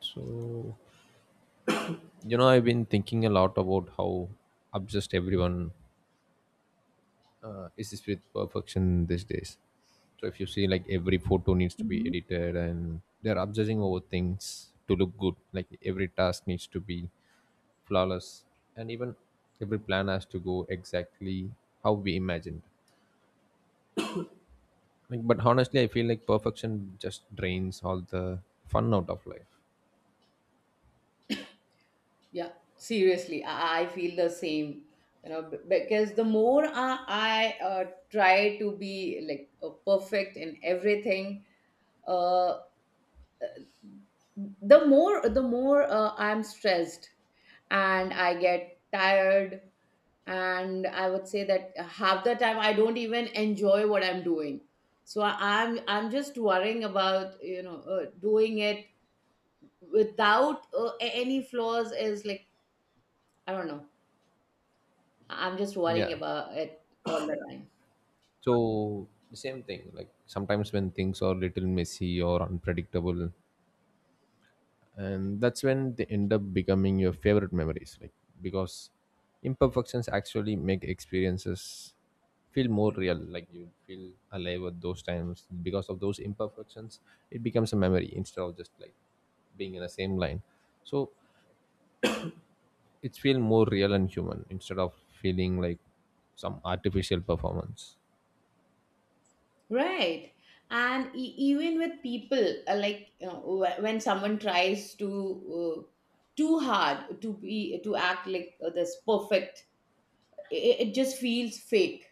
So, you know, I've been thinking a lot about how obsessed everyone is with perfection these days. So, if you see, like, every photo needs to be Mhm. edited and they're obsessing over things to look good. Like, every task needs to be flawless, and even every plan has to go exactly how we imagined. Like, but honestly, I feel like perfection just drains all the fun out of life. Yeah, seriously, I feel the same. You know, because the more I try to be like perfect in everything, uh, the more I'm stressed and I get tired. And I would say that half the time I don't even enjoy what I'm doing. So I'm just worrying about doing it without any flaws is like I don't know, I'm just worrying Yeah. about it all the time. So the same thing, like sometimes when things are little messy or unpredictable, and that's when they end up becoming your favorite memories, like because imperfections actually make experiences feel more real, like you feel alive at those times because of those imperfections. It becomes a memory instead of just like being in the same line. So it's feel more real and human instead of feeling like some artificial performance. Right. And even with people, like you know, when someone tries to too hard to be to act like this perfect, it just feels fake.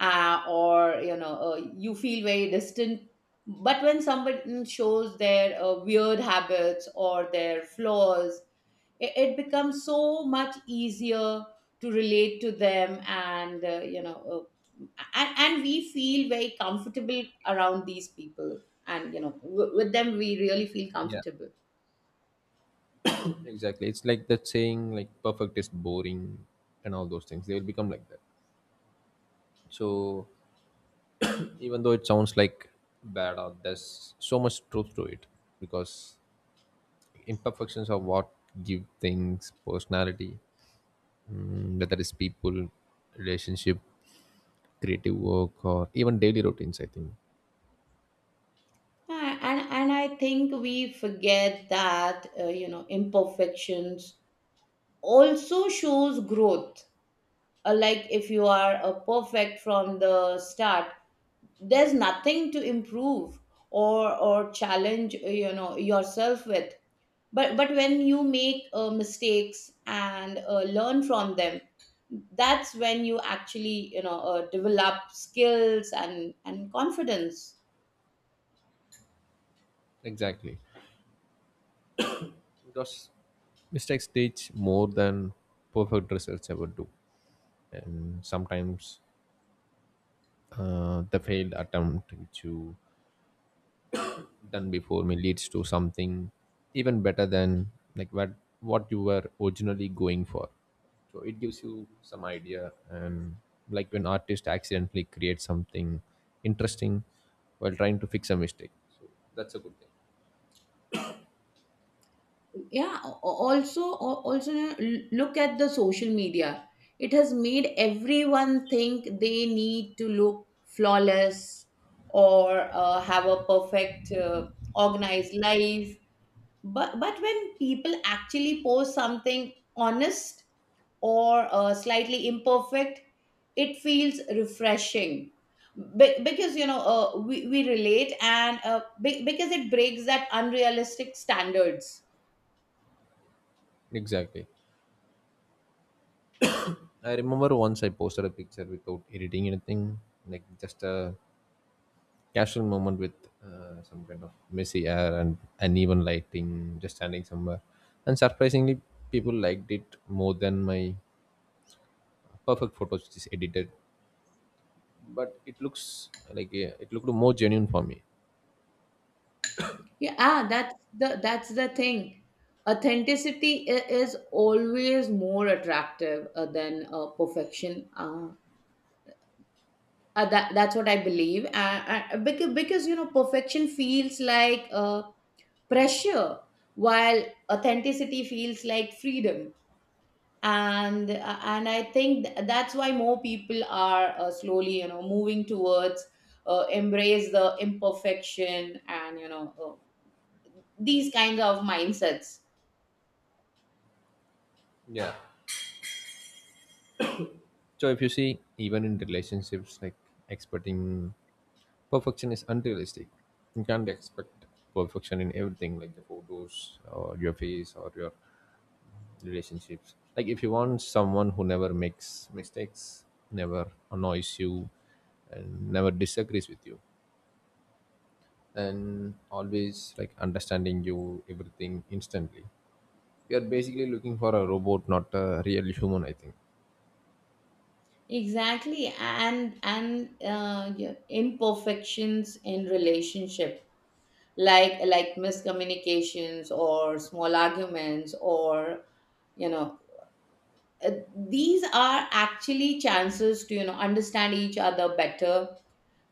Or you know, you feel very distant. But when somebody shows their weird habits or their flaws, it becomes so much easier to relate to them and uh, and we feel very comfortable around these people, and you know with them we really feel Yeah, comfortable. exactly. It's like that saying, like perfect is boring and all those things. They will become like that. So even though it sounds like bad art, there's so much truth to it because imperfections are what give things personality, whether it's people, relationship, creative work, or even daily routines, I think. And I think we forget that you know imperfections also shows growth. Like if you are perfect from the start, there's nothing to improve or challenge you know yourself with. But when you make mistakes and learn from them, that's when you actually you know develop skills and confidence. Exactly. Because mistakes teach more than perfect results ever do, and sometimes the failed attempt which you done before me leads to something even better than like what you were originally going for. So it gives you some idea, and like when artist accidentally creates something interesting while trying to fix a mistake, so that's a good thing. Yeah, also you know, look at the social media. It has made everyone think they need to look flawless or have a perfect organized life. But when people actually post something honest or slightly imperfect, it feels refreshing. Because you know we relate, and because it breaks that unrealistic standards. Exactly. I remember once I posted a picture without editing anything, like just a casual moment with some kind of messy air and uneven lighting, just standing somewhere. And surprisingly, people liked it more than my perfect photos, which is edited. But it looks like, yeah, it looked more genuine for me. Yeah, that's the thing. Authenticity is always more attractive than perfection. That that's what I believe, because you know perfection feels like pressure, while authenticity feels like freedom. And I think that's why more people are slowly you know moving towards embrace the imperfection and you know these kinds of mindsets. Yeah. So if you see, even in relationships, like expecting perfection is unrealistic. You can't expect perfection in everything, like the photos or your face or your relationships. Like if you want someone who never makes mistakes, never annoys you, and never disagrees with you, and always like understanding you everything instantly, you are basically looking for a robot, not a real human, I think. Exactly. And Yeah, imperfections in relationship, like miscommunications or small arguments or you know, uh, these are actually chances to you know understand each other better,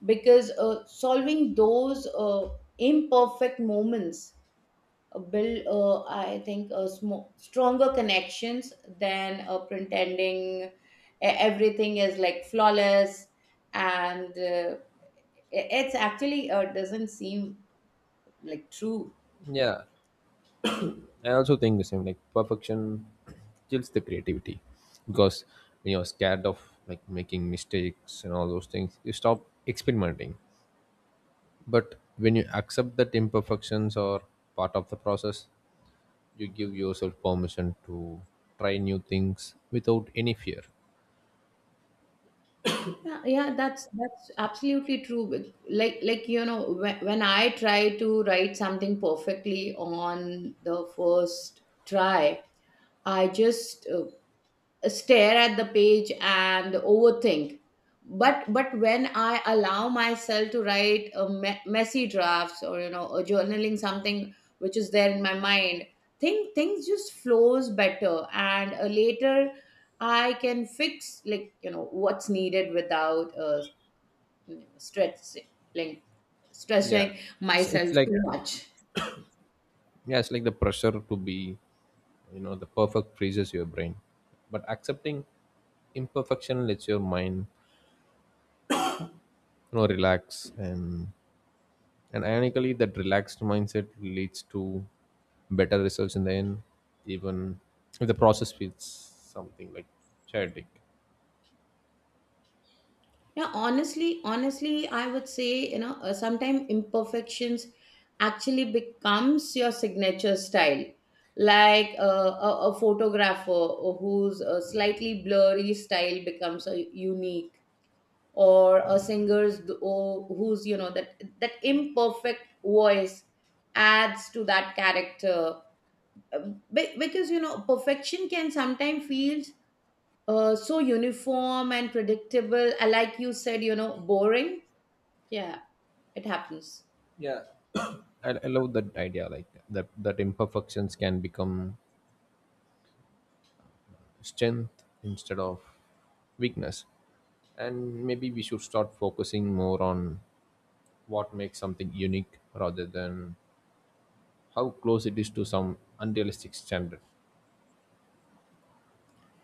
because solving those imperfect moments build, I think, stronger connections than pretending everything is like flawless, and it's actually doesn't seem like true. Yeah, I also think the same, like perfection kills the creativity, because when you're scared of like making mistakes and all those things, you stop experimenting. But when you accept that imperfections are part of the process, you give yourself permission to try new things without any fear. Yeah, that's absolutely true. Like you know, when I try to write something perfectly on the first try, I just stare at the page and overthink. But when I allow myself to write a messy drafts or you know or journaling something which is there in my mind, things just flows better, and later I can fix like you know what's needed without you know, Yeah, stressing it's myself like, too much. yeah, it's like the pressure to be, you know, the perfect freezes your brain, but accepting imperfection lets your mind, you know, relax, and ironically that relaxed mindset leads to better results in the end, even if the process feels something like chaotic. Yeah, honestly, I would say, you know, sometimes imperfections actually becomes your signature style. Like a photographer whose slightly blurry style becomes a unique, or a singer's whose you know that imperfect voice adds to that character. Because you know, perfection can sometimes feels so uniform and predictable, like you said, you know, boring, yeah, it happens. Yeah. I love that idea, like that imperfections can become strength instead of weakness, and maybe we should start focusing more on what makes something unique rather than how close it is to some unrealistic standard.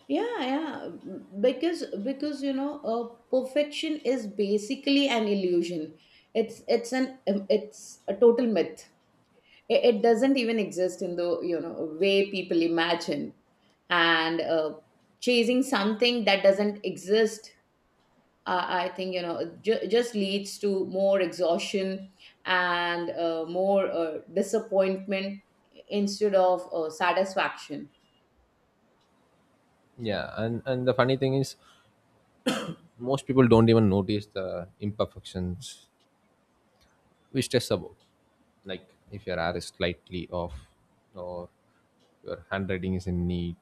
Yeah, yeah. Because you know, perfection is basically an illusion. It's a total myth. It doesn't even exist in the you know way people imagine. And chasing something that doesn't exist, I think you know, just leads to more exhaustion and more disappointment instead of satisfaction. Yeah, and the funny thing is most people don't even notice the imperfections we stress about, like if your hair is slightly off or your handwriting isn't neat,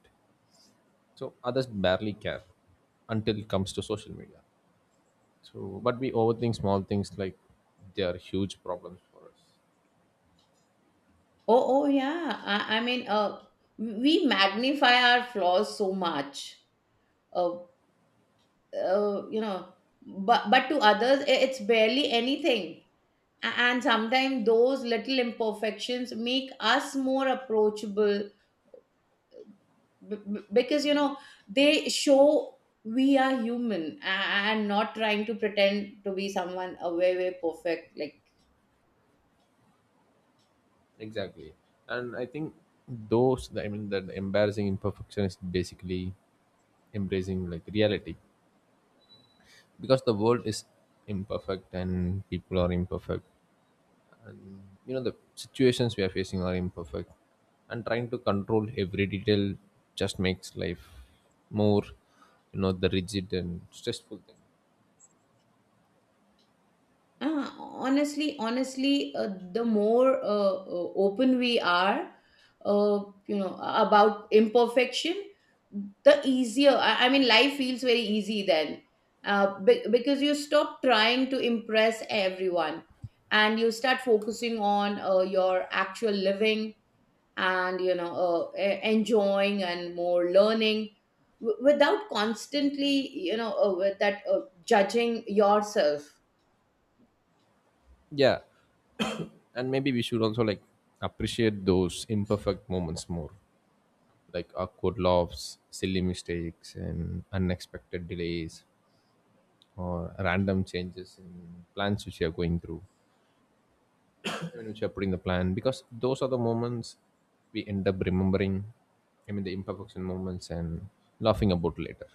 so others barely care until it comes to social media. So, but we overthink small things like they are huge problems for us. Oh, oh yeah. I mean, we magnify our flaws so much. Uh, you know, but to others, it's barely anything. And sometimes those little imperfections make us more approachable because you know they show we are human, and not trying to pretend to be someone way perfect like. Exactly, and I think those, I mean that embarrassing imperfection is basically embracing like reality, because the world is imperfect and people are imperfect. You know the situations we are facing are imperfect, and trying to control every detail just makes life more, you know, the rigid and stressful thing. Honestly, the more open we are, uh, you know, about imperfection, the easier. I mean, life feels very easy then, because you stop trying to impress everyone, and you start focusing on your actual living and you know enjoying and more learning without constantly you know with that judging yourself. Yeah, and maybe we should also like appreciate those imperfect moments more, like awkward laughs, silly mistakes, and unexpected delays or random changes in plans which you are going through, I which you are putting the plan, because those are the moments we end up remembering, I mean the imperfection moments, and laughing about later.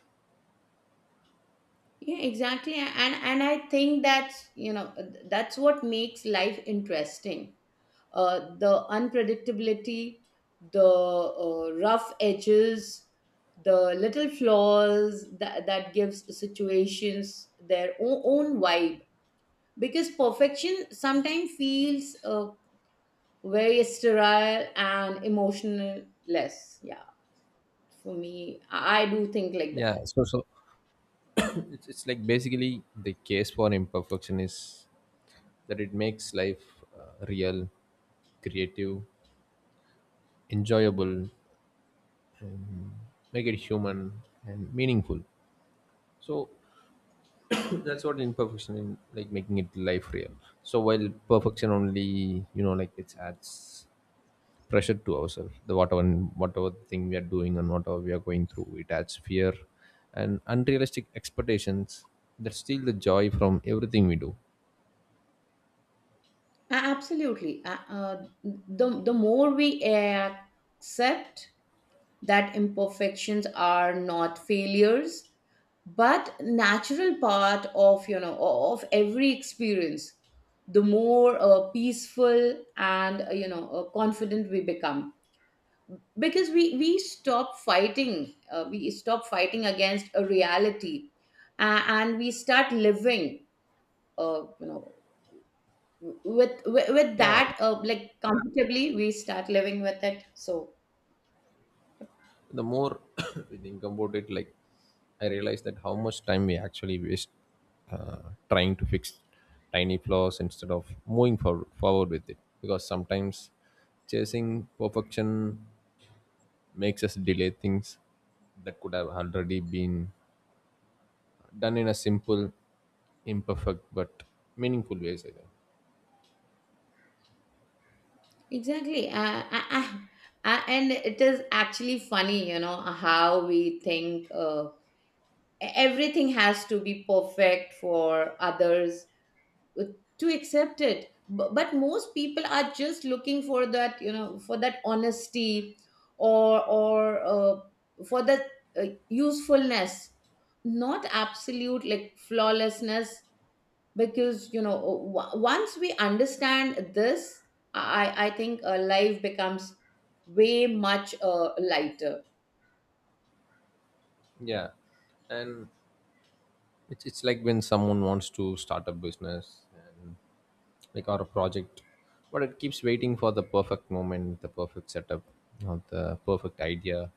Yeah, exactly. And I think that's you know that's what makes life interesting, the unpredictability, the rough edges, the little flaws that gives situations their own vibe, because perfection sometimes feels very sterile and emotionless. Yeah, for me, I do think like that. Yeah, so it's like basically the case for imperfection is that it makes life real, creative, enjoyable, make it human and meaningful. So that's what imperfection in like making it life real. So while perfection only, you know, like it adds pressure to ourselves the whatever, whatever thing we are doing and whatever we are going through, it adds fear and unrealistic expectations that steal the joy from everything we do. Absolutely. The more we accept that imperfections are not failures, but natural part of you know of every experience, the more peaceful and you know confident we become, because we stop fighting against a reality, and we start living, you know, with Yeah, that like comfortably we start living with it. So the more we think about it, like I realize that how much time we actually waste uh, trying to fix tiny flaws instead of moving for, forward with it, because sometimes chasing perfection makes us delay things that could have already been done in a simple, imperfect but meaningful ways, I think. exactly. And it is actually funny you know how we think everything has to be perfect for others uh, to accept it, but most people are just looking for that you know for that honesty or for that usefulness, not absolute like flawlessness, because you know once we understand this, I think life becomes way much lighter. Yeah, and it's like when someone wants to start a business and like or a project, but it keeps waiting for the perfect moment, the perfect setup, or the perfect idea,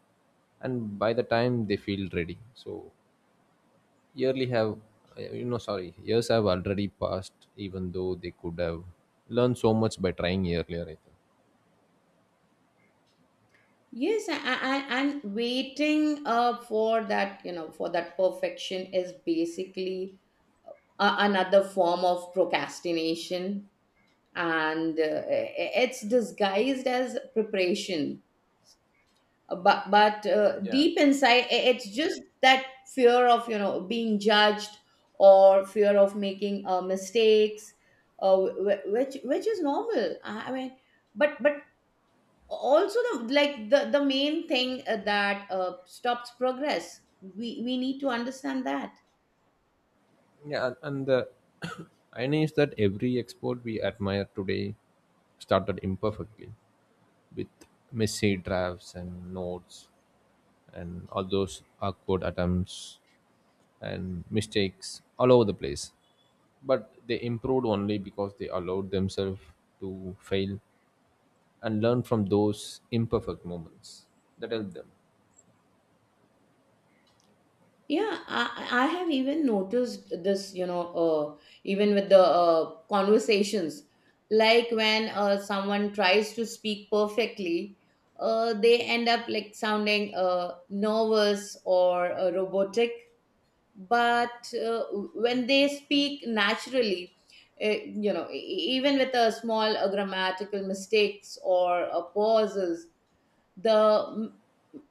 and by the time they feel ready, so yearly have, you know, sorry, years have already passed, even though they could have learned so much by trying earlier, I Yes, and waiting for that you know for that perfection is basically another form of procrastination, and it's disguised as preparation. But think. Yeah, Deep inside it's just that fear of you know being judged, or fear of making mistakes, uh, which is normal, I mean, but also the like the main thing that stops progress, we need to understand that. yeah. And the irony is that every export we admire today started imperfectly, with messy drafts and notes and all those awkward attempts and mistakes all over the place. But they improved only because they allowed themselves to fail and learn from those imperfect moments that helped them. Yeah, I have even noticed this, you know, even with the conversations, like when someone tries to speak perfectly, they end up like sounding nervous or robotic. But when they speak naturally, you know, even with a small grammatical mistakes or pauses, the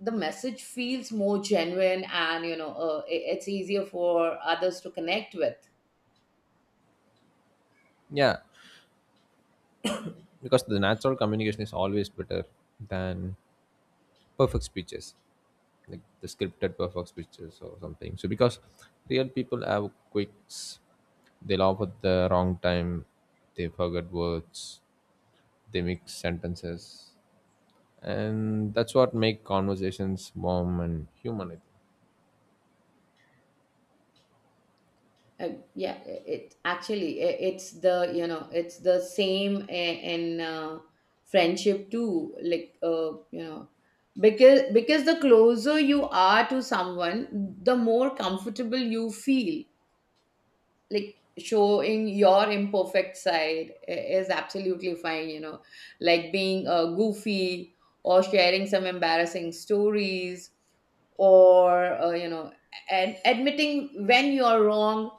the message feels more genuine and you know it's easier for others to connect with. Yeah, because the natural communication is always better than perfect speeches, like the scripted perfect pictures or something. So because real people have quicks, they laugh at the wrong time, they forget words, they mix sentences, and that's what make conversations warm and human, I think. Uh, yeah, it actually it's the you know it's the same in friendship too, like you know, because the closer you are to someone, the more comfortable you feel, like showing your imperfect side is absolutely fine, you know, like being goofy or sharing some embarrassing stories or you know, and admitting when you're wrong,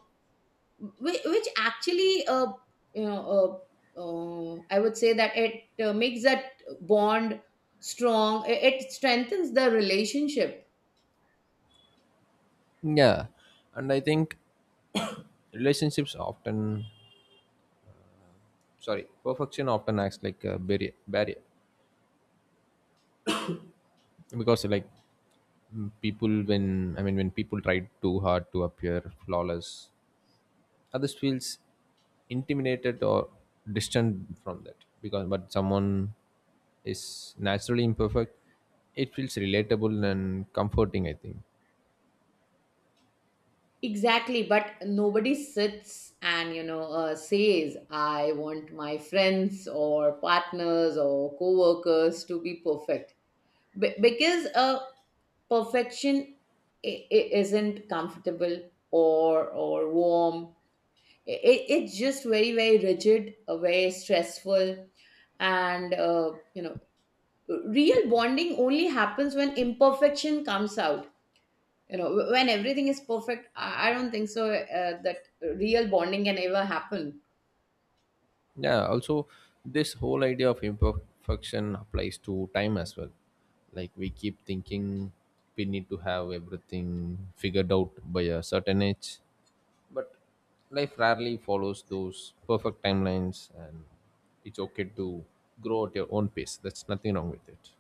which actually you know, I would say that it makes that bond strong. It strengthens the relationship. Yeah, and I think relationships often, sorry, perfection often acts like a barrier because like, people when, I mean when people try too hard to appear flawless, others feels intimidated or distant from that, because but someone is naturally imperfect, it feels relatable and comforting, I think. Exactly, but nobody sits and you know says, "I want my friends or partners or coworkers to be perfect." Because perfection isn't comfortable or warm. It's just very rigid, very stressful, and you know, real bonding only happens when imperfection comes out. You know, when everything is perfect, I don't think so that real bonding can ever happen. Yeah, also this whole idea of imperfection applies to time as well, like we keep thinking we need to have everything figured out by a certain age, but life rarely follows those perfect timelines, and it's okay to grow at your own pace, that's nothing wrong with it.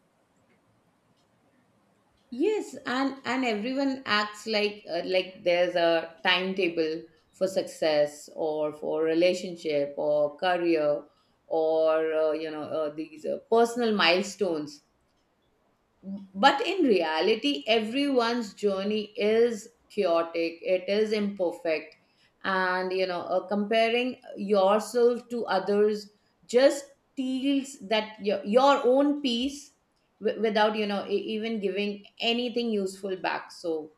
Yes, and everyone acts like there's a timetable for success or for relationship or career, or you know, these personal milestones, but in reality everyone's journey is chaotic, it is imperfect, and you know comparing yourself to others just steals that your own peace without you know even giving anything useful back. So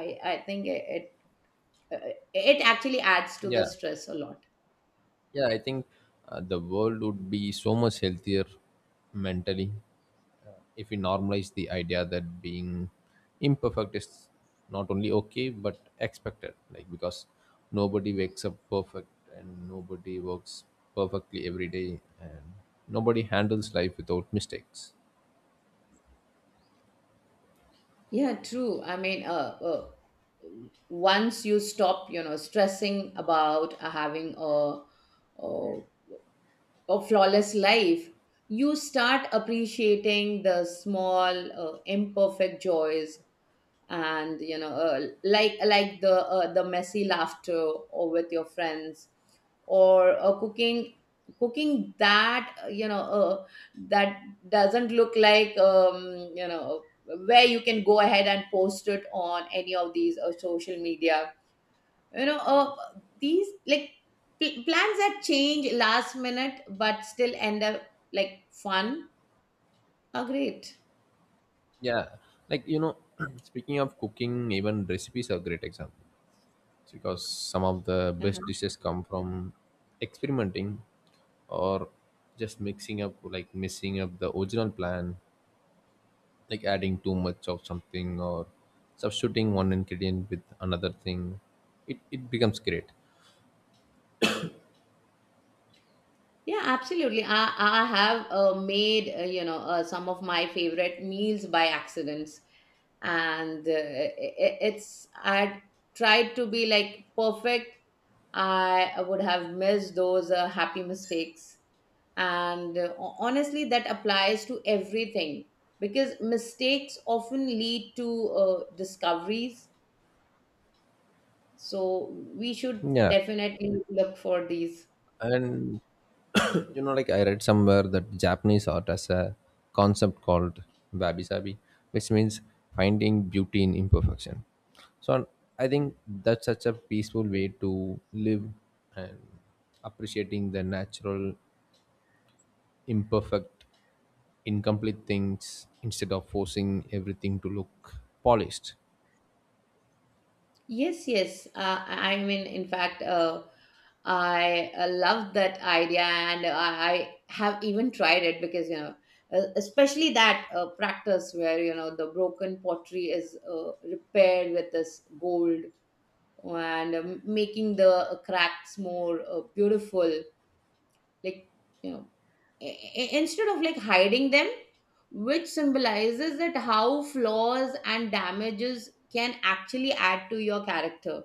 I think it actually adds to the Yeah, stress a lot. yeah. I think the world would be so much healthier mentally uh, if we normalize the idea that being imperfect is not only okay but expected. Like because nobody wakes up perfect, and nobody works perfectly every day, and nobody handles life without mistakes. Yeah, true. I mean, once you stop, you know, stressing about having a a flawless life, you start appreciating the small, imperfect joys, and you know like the messy laughter or with your friends, or cooking that you know that doesn't look like you know, where you can go ahead and post it on any of these social media, you know, these like plans that change last minute but still end up like fun are great. Yeah, like you know, speaking of cooking, even recipes are a great example, because some of the best Uh-huh. dishes come from experimenting or just mixing up, like messing up the original plan, like adding too much of something or substituting one ingredient with another thing, it becomes great. Yeah, absolutely. I have made, you know, some of my favorite meals by accidents. And it's, I tried to be like perfect. I would have missed those happy mistakes. And honestly, that applies to everything, because mistakes often lead to discoveries. So we should Yeah, definitely look for these. and you know, like I read somewhere that Japanese art has a concept called wabi sabi, which means finding beauty in imperfection. So I think that's such a peaceful way to live and appreciating the natural, imperfect, incomplete things instead of forcing everything to look polished. Yes, yes. I mean, in fact, I love that idea, and I have even tried it because especially that practice where you know the broken pottery is repaired with this gold and making the cracks more beautiful. Like you know, instead of like hiding them, which symbolizes that how flaws and damages can actually add to your character.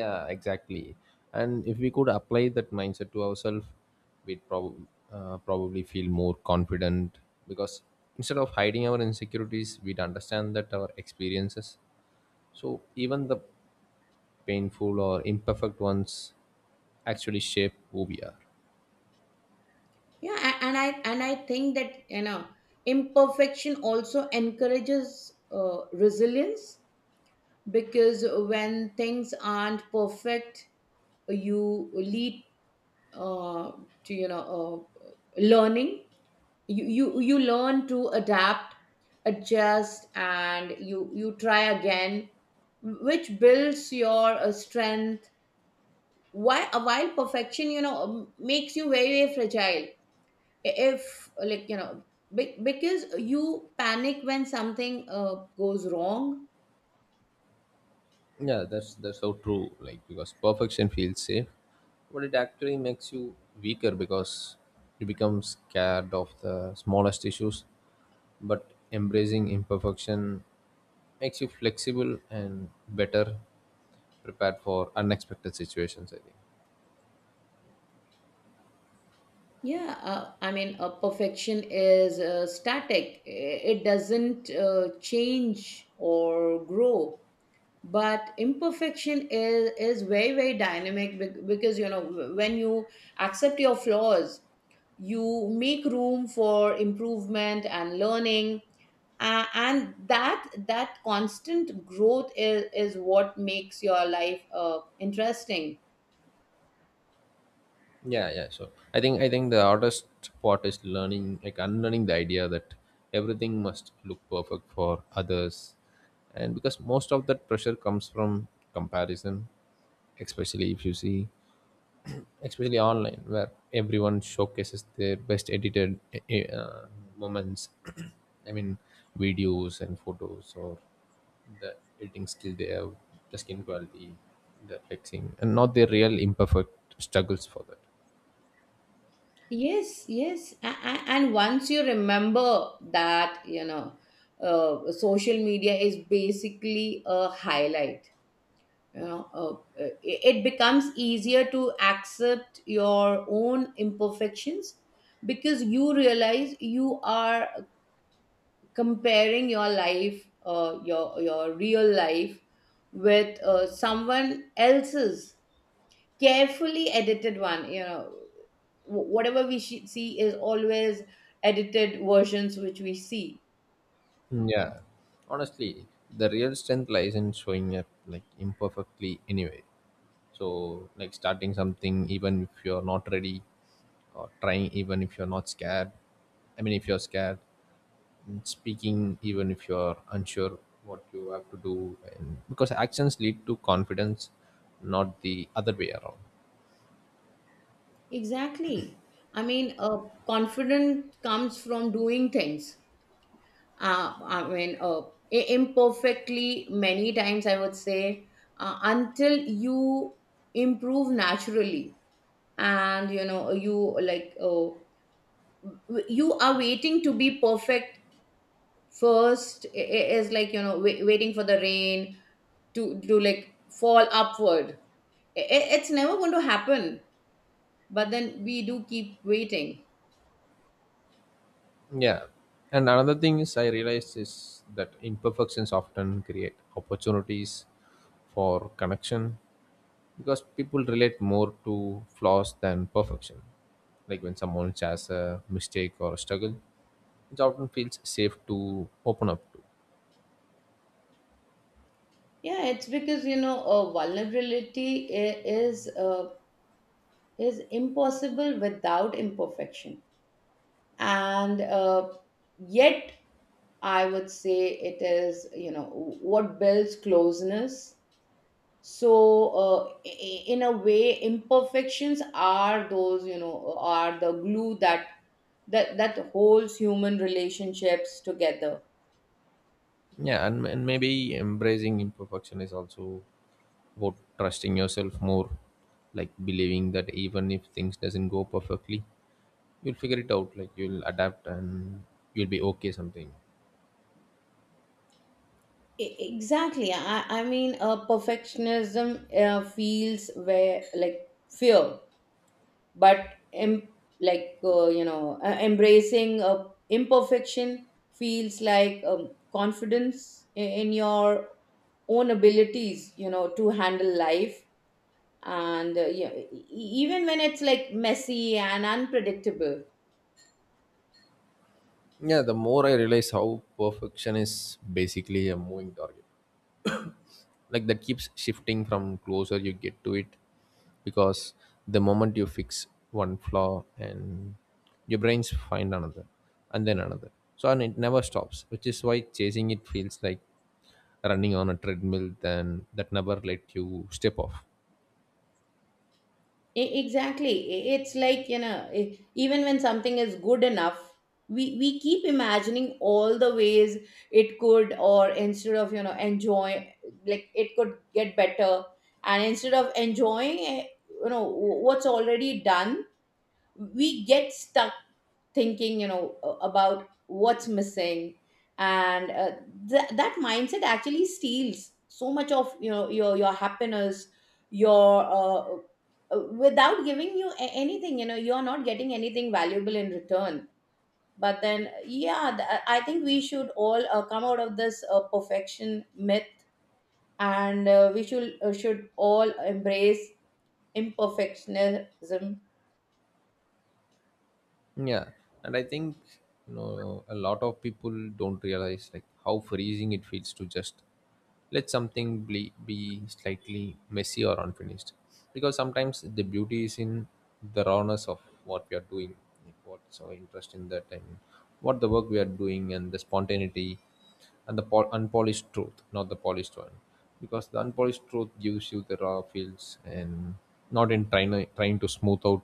Yeah, exactly. And if we could apply that mindset to ourselves, we'd prob- probably feel more confident, because instead of hiding our insecurities, we'd understand that our experiences, so even the painful or imperfect ones, actually shape who we are. And I think that imperfection also encourages resilience because when things aren't perfect, you lead uh, to uh, learning. You learn to adapt, adjust, and you try again, which builds your strength. While perfection, makes you very very fragile if because you panic when something goes wrong. Yeah, that's so true. Like because perfection feels safe, but it actually makes you weaker because you become scared of the smallest issues. But embracing imperfection makes you flexible and better prepared for unexpected situations, I think. Perfection is static. It doesn't change or grow, but imperfection is very very dynamic because when you accept your flaws, you make room for improvement and learning. And that constant growth is what makes your life interesting. Yeah, yeah, sure. I think the hardest part is learning, like unlearning the idea that everything must look perfect for others, and because most of that pressure comes from comparison, especially if you see, especially online where everyone showcases their best edited moments, I mean videos and photos, or the editing skill they have, the skin quality, the flexing, and not their real imperfect struggles for that. Yes, yes. And once you remember that social media is basically a highlight, you know uh, it becomes easier to accept your own imperfections because you realize you are comparing your life, your real life, with someone else's carefully edited one. Whatever we see is always edited versions which we see. Yeah, honestly, the real strength lies in showing up like imperfectly anyway. So, like starting something even if you're not ready, or trying even if you're not scared, I mean, if you're scared, and speaking even if you're unsure what you have to do, and because actions lead to confidence, not the other way around. Exactly. i mean uh, Confidence comes from doing things uh, I mean, uh, imperfectly many times, I would say, until you improve naturally. And, you know, you are waiting to be perfect first, is like, you know, waiting for the rain to like fall upward. It's never going to happen. But then we do keep waiting. Yeah, and another thing is I realized is that imperfections often create opportunities for connection, because people relate more to flaws than perfection. Like when someone shares a mistake or a struggle, it often feels safe to open up to. Yeah, it's because, you know, vulnerability is impossible without imperfection, and yet I would say it is, you know, what builds closeness. So uh, in a way, imperfections are those, you know, are the glue that that holds human relationships together. Yeah, and maybe embracing imperfection is also about trusting yourself more, like believing that even if things doesn't go perfectly, you'll figure it out. Like you'll adapt and you'll be okay. Something. Exactly. I mean perfectionism feels where like fear, but em- you know, embracing imperfection feels like confidence in your own abilities, you know, to handle life. And yeah, even when it's like messy and unpredictable. Yeah, the more I realize how perfection is basically a moving target, like that keeps shifting from closer you get to it, because the moment you fix one flaw and your brains find another and then another, so and it never stops, which is why chasing it feels like running on a treadmill then that never let you step off. Exactly. It's like, you know, even when something is good enough, we keep imagining all the ways it could or instead of you know enjoy like it could get better, and instead of enjoying you know what's already done, we get stuck thinking, you know, about what's missing. And that mindset actually steals so much of, you know, your happiness, your without giving you anything. You know, you're not getting anything valuable in return. But then, yeah, I think we should all come out of this perfection myth, and we should all embrace imperfectionism. Yeah, and I think, you know, a lot of people don't realize like how freezing it feels to just let something be slightly messy or unfinished, because sometimes the beauty is in the rawness of what we are doing, like what's our interest in that, and what the work we are doing, and the spontaneity and the pol- unpolished truth, not the polished one, because the unpolished truth gives you the raw feels, and not in trying trying to smooth out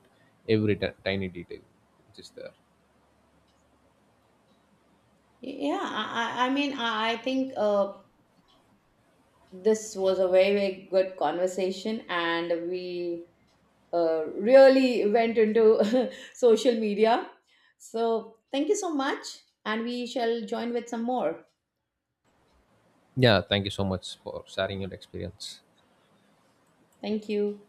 every t- tiny detail which is there. I think this was a very very good conversation, and we really went into social media, so thank you so much, and we shall join with some more. Yeah, thank you so much for sharing your experience. Thank you.